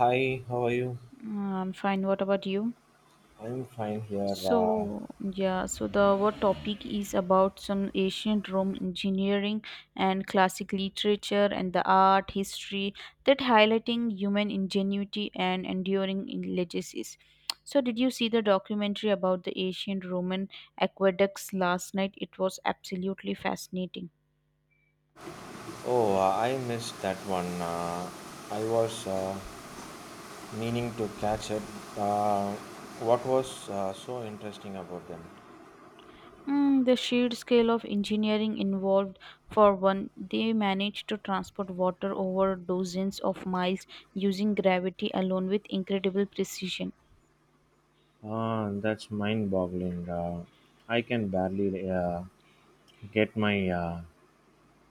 Hi, how are you? I'm fine. What about you? I'm fine here. So the our topic is about some ancient Rome engineering and classic literature and the art history that highlighting human ingenuity and enduring legacies. So, did you see the documentary about the ancient Roman aqueducts last night? It was absolutely fascinating. Oh, I missed that one. I was meaning to catch it. Uh, what was so interesting about them? The sheer scale of engineering involved, for one, they managed to transport water over dozens of miles using gravity alone with incredible precision. Ah, that's mind-boggling. I can barely get my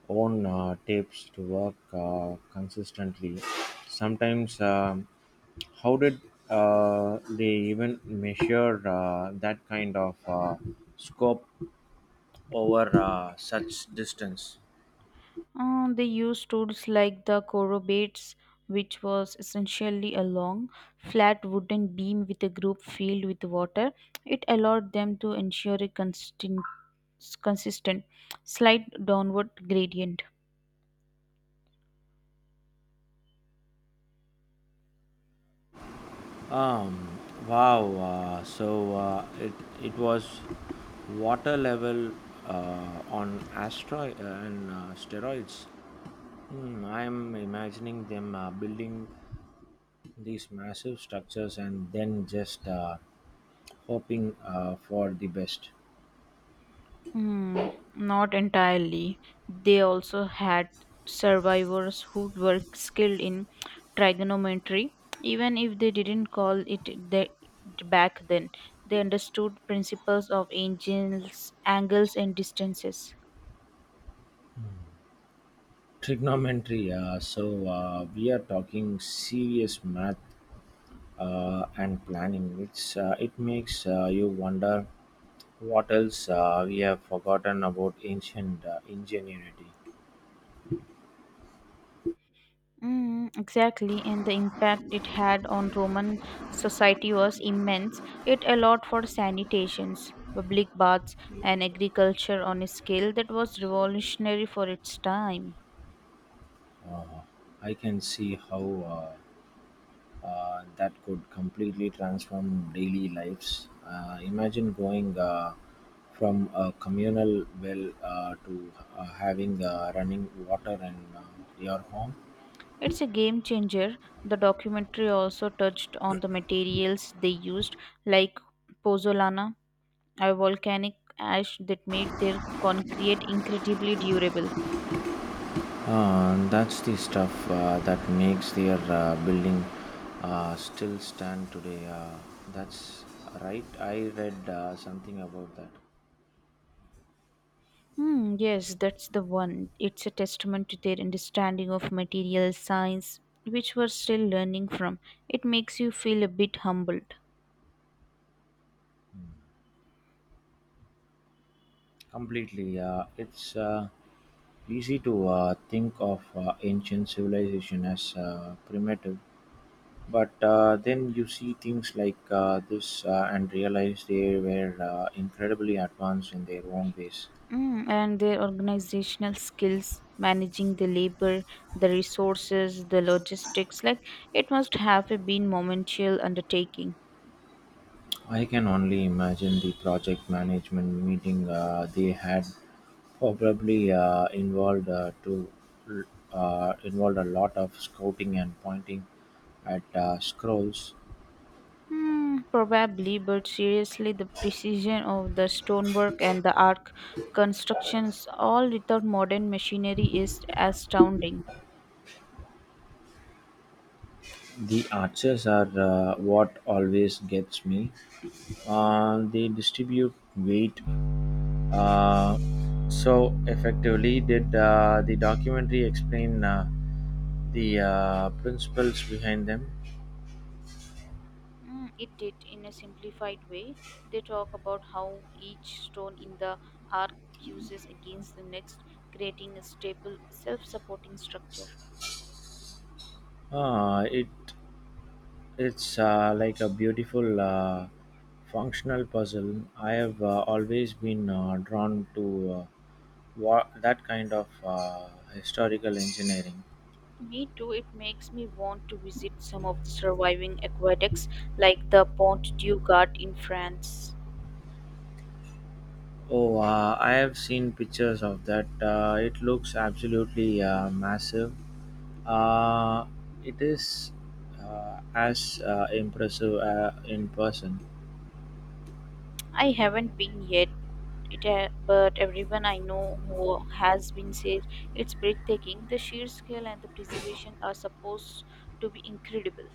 own tapes to work consistently. Sometimes, how did they even measure that kind of scope over such distance. They used tools like the corobates, which was essentially a long, flat wooden beam with a group filled with water. It allowed them to ensure a constant, consistent, slight downward gradient. Um, wow. So it was water level on asteroid and steroids. I am imagining them building these massive structures and then just hoping for the best. Not entirely. They also had survivors who were skilled in trigonometry, even if they didn't call it the, back then. They understood principles of angles and distances. Trigonometry. So we are talking serious math and planning. It's it makes you wonder, what else we have forgotten about ancient ingenuity? Exactly, and the impact it had on Roman society was immense. It allowed for sanitations, public baths, and agriculture on a scale that was revolutionary for its time. I can see how that could completely transform daily lives. Imagine going from a communal well to having running water in your home. It's a game changer. The documentary also touched on the materials they used, like pozzolana, a volcanic ash that made their concrete incredibly durable. That's the stuff that makes their building still stand today. That's right. I read something about that. Yes, that's the one. It's a testament to their understanding of material science, which we're still learning from. It makes you feel a bit humbled. Completely. It's easy to think of ancient civilization as primitive, but then you see things like this and realize they were incredibly advanced in their own ways. And their organizational skills, managing the labor, the resources, the logistics, like it must have been momentous undertaking. I can only imagine the project management meeting they had probably involved a lot of scouting and pointing at scrolls. Probably, but seriously, the precision of the stonework and the arc constructions, all without modern machinery, is astounding. The arches are what always gets me. They distribute weight uh, so effectively. Did the documentary explain the principles behind them? It did in a simplified way. They talk about how each stone in the arc fuses against the next, creating a stable, self supporting structure. Uh, it it's like a beautiful functional puzzle. I have always been drawn to that kind of historical engineering. Me too, it makes me want to visit some of the surviving aqueducts like the Pont du Gard in France. Oh, I have seen pictures of that. It looks absolutely massive. Uh, it is as impressive in person. I haven't been yet, but everyone I know who has been says it's breathtaking. The sheer scale and the preservation are supposed to be incredible.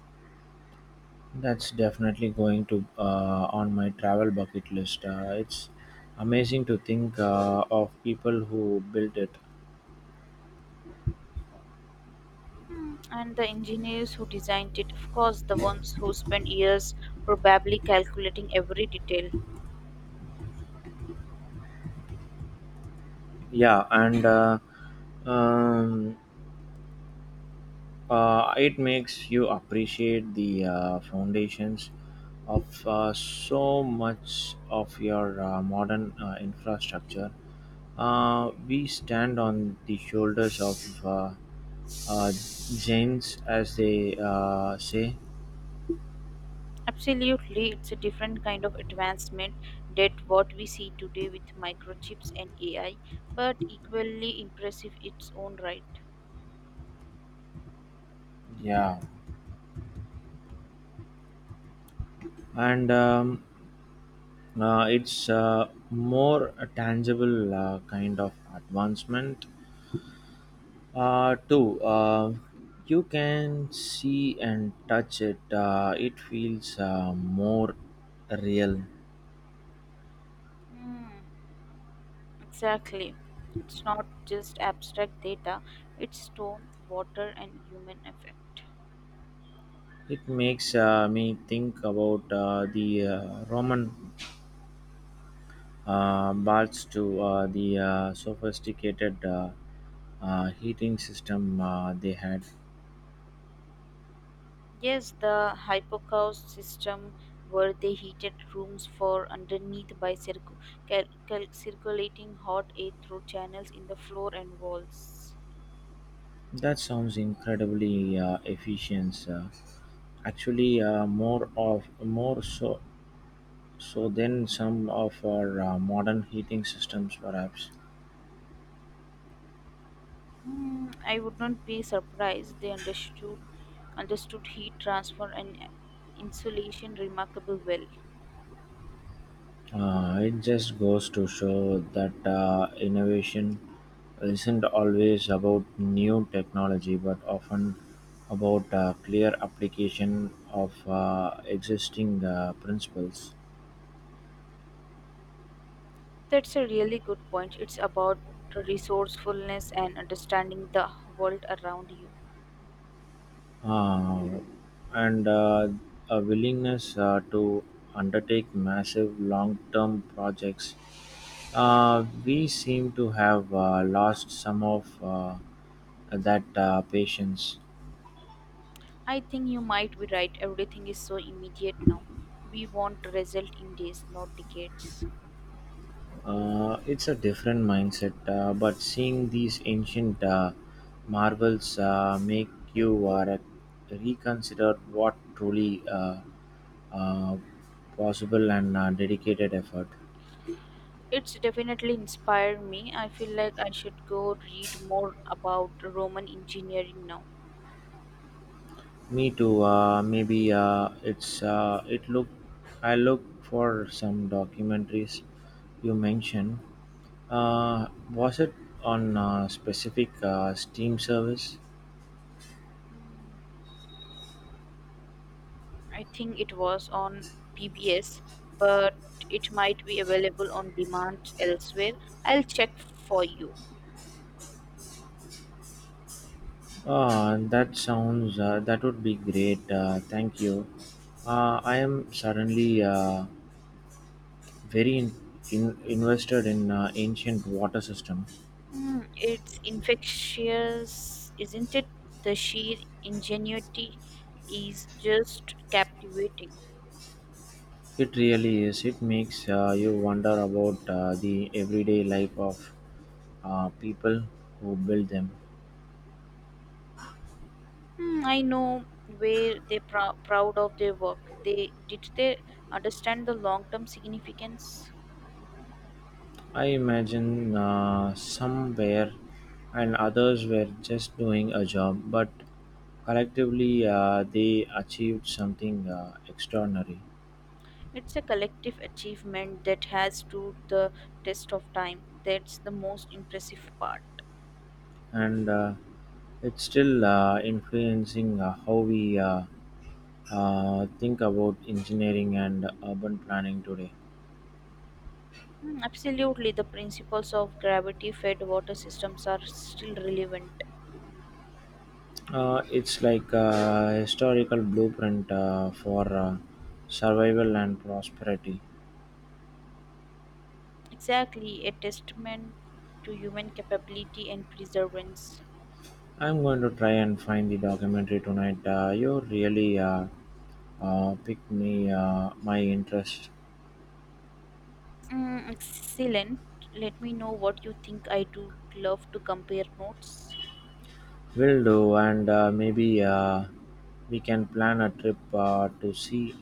That's definitely going to on my travel bucket list. It's amazing to think of people who built it. And the engineers who designed it, of course, the ones who spent years probably calculating every detail. Yeah, and um, it makes you appreciate the foundations of so much of your modern infrastructure. We stand on the shoulders of uh, giants, as they say. Absolutely, it's a different kind of advancement that what we see today with microchips and AI, but equally impressive its own right. Yeah, and it's more a tangible kind of advancement. Too, you can see and touch it. It feels more real. Mm, exactly. It's not just abstract data, it's stone, water, and human effect. It makes me think about the Roman baths to the sophisticated heating system they had. Yes, the hypocaust system where they heated rooms for underneath by circulating hot air through channels in the floor and walls. That sounds incredibly efficient. Actually, more so so than some of our modern heating systems, perhaps. I would not be surprised they understood heat transfer and insulation remarkable well. It just goes to show that innovation isn't always about new technology, but often about clear application of existing principles That's a really good point. It's about resourcefulness and understanding the world around you. uh, and a willingness to undertake massive long term projects. We seem to have lost some of that patience. I think you might be right. Everything is so immediate now. We want result in days, not decades. It's a different mindset, but seeing these ancient marvels make you reconsider what truly uh, possible and dedicated effort. It's definitely inspired me. I feel like I should go read more about Roman engineering now. Me too. Maybe it's it look. I look for some documentaries you mentioned. Uh, was it on a specific Steam service? Hmm. I think it was on PBS, but it might be available on demand elsewhere. I'll check for you. Ah, that would be great. Thank you. I am suddenly very invested in ancient water system. It's infectious, isn't it? The sheer ingenuity is just captivating. It really is. It makes you wonder about the everyday life of people who build them. I know where they're proud of their work. They did they understand the long-term significance. I imagine some were, and others were just doing a job, but collectively they achieved something extraordinary. It's a collective achievement that has stood the test of time. That's the most impressive part. And it's still influencing how we think about engineering and urban planning today. Absolutely, the principles of gravity fed water systems are still relevant. It's like a historical blueprint for survival and prosperity. Exactly, a testament to human capability and perseverance. I'm going to try and find the documentary tonight. You really picked me my interest. Excellent. Let me know what you think. I do love to compare notes. Will do, and maybe we can plan a trip to see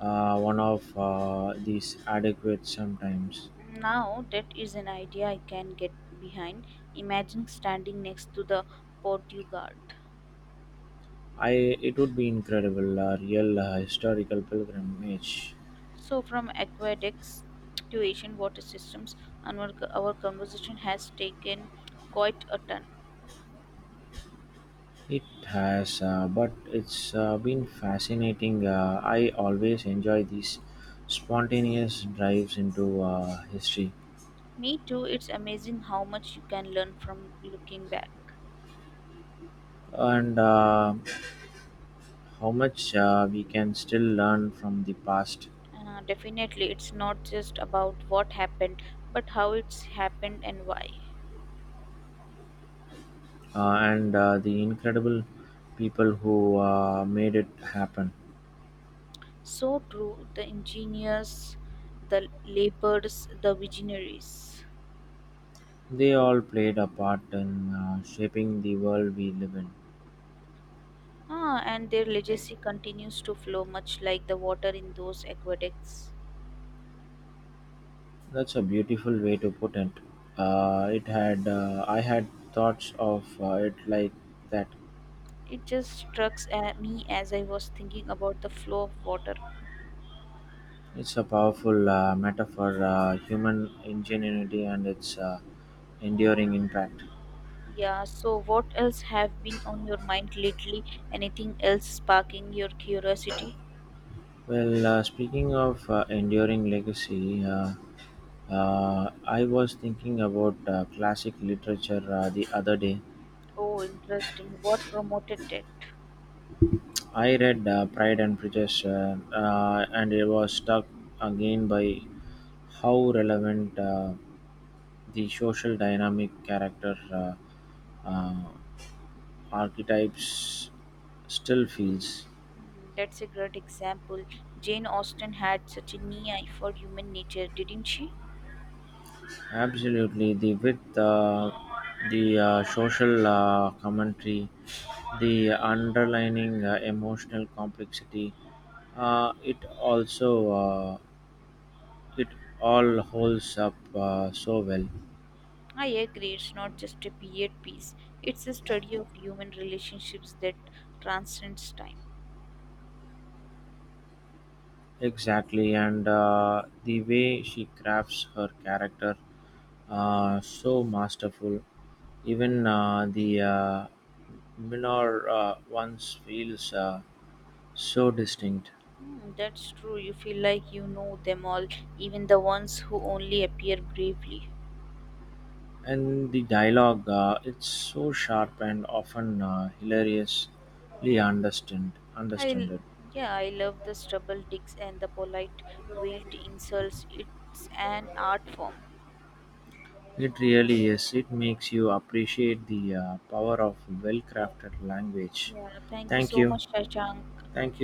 one of these adequate sometimes. Now, that is an idea I can get behind. Imagine standing next to the Portugard. I it would be incredible, a real historical pilgrimage. So, from aqueducts to Asian water systems, our conversation has taken quite a turn. It has, but it's been fascinating. I always enjoy these spontaneous drives into history Me too, it's amazing how much you can learn from looking back. and how much we can still learn from the past Definitely, it's not just about what happened, but how it's happened and why. And the incredible people who made it happen. So true, the engineers, the laborers, the visionaries. They all played a part in shaping the world we live in. Ah, and their legacy continues to flow much like the water in those aqueducts. That's a beautiful way to put it. It had I had thoughts of it like that. It just struck at me as I was thinking about the flow of water. It's a powerful metaphor, human ingenuity and its enduring impact. Yeah, so what else have been on your mind lately? Anything else sparking your curiosity? Well, speaking of enduring legacy, I was thinking about classic literature the other day. Oh, interesting. What promoted it? I read Pride and Prejudice, and it was struck again by how relevant the social dynamic character uh, archetypes still feels. That's a great example. Jane Austen had such a keen eye for human nature, didn't she? Absolutely, the width, the social commentary, the underlining emotional complexity. It also it all holds up so well. I agree, it's not just a period piece, it's a study of human relationships that transcends time. Exactly, and the way she crafts her character, so masterful. Even the minor ones feels so distinct, That's true. You feel like you know them all, even the ones who only appear briefly. and the dialogue, it's so sharp and often hilariously understand I l- understood. yeah, I love the stubble dicks and the polite wheeled insults. It's an art form. It really is. It makes you appreciate the power of well-crafted language. Yeah, thank you Thank so you. much, Shashank. Thank you.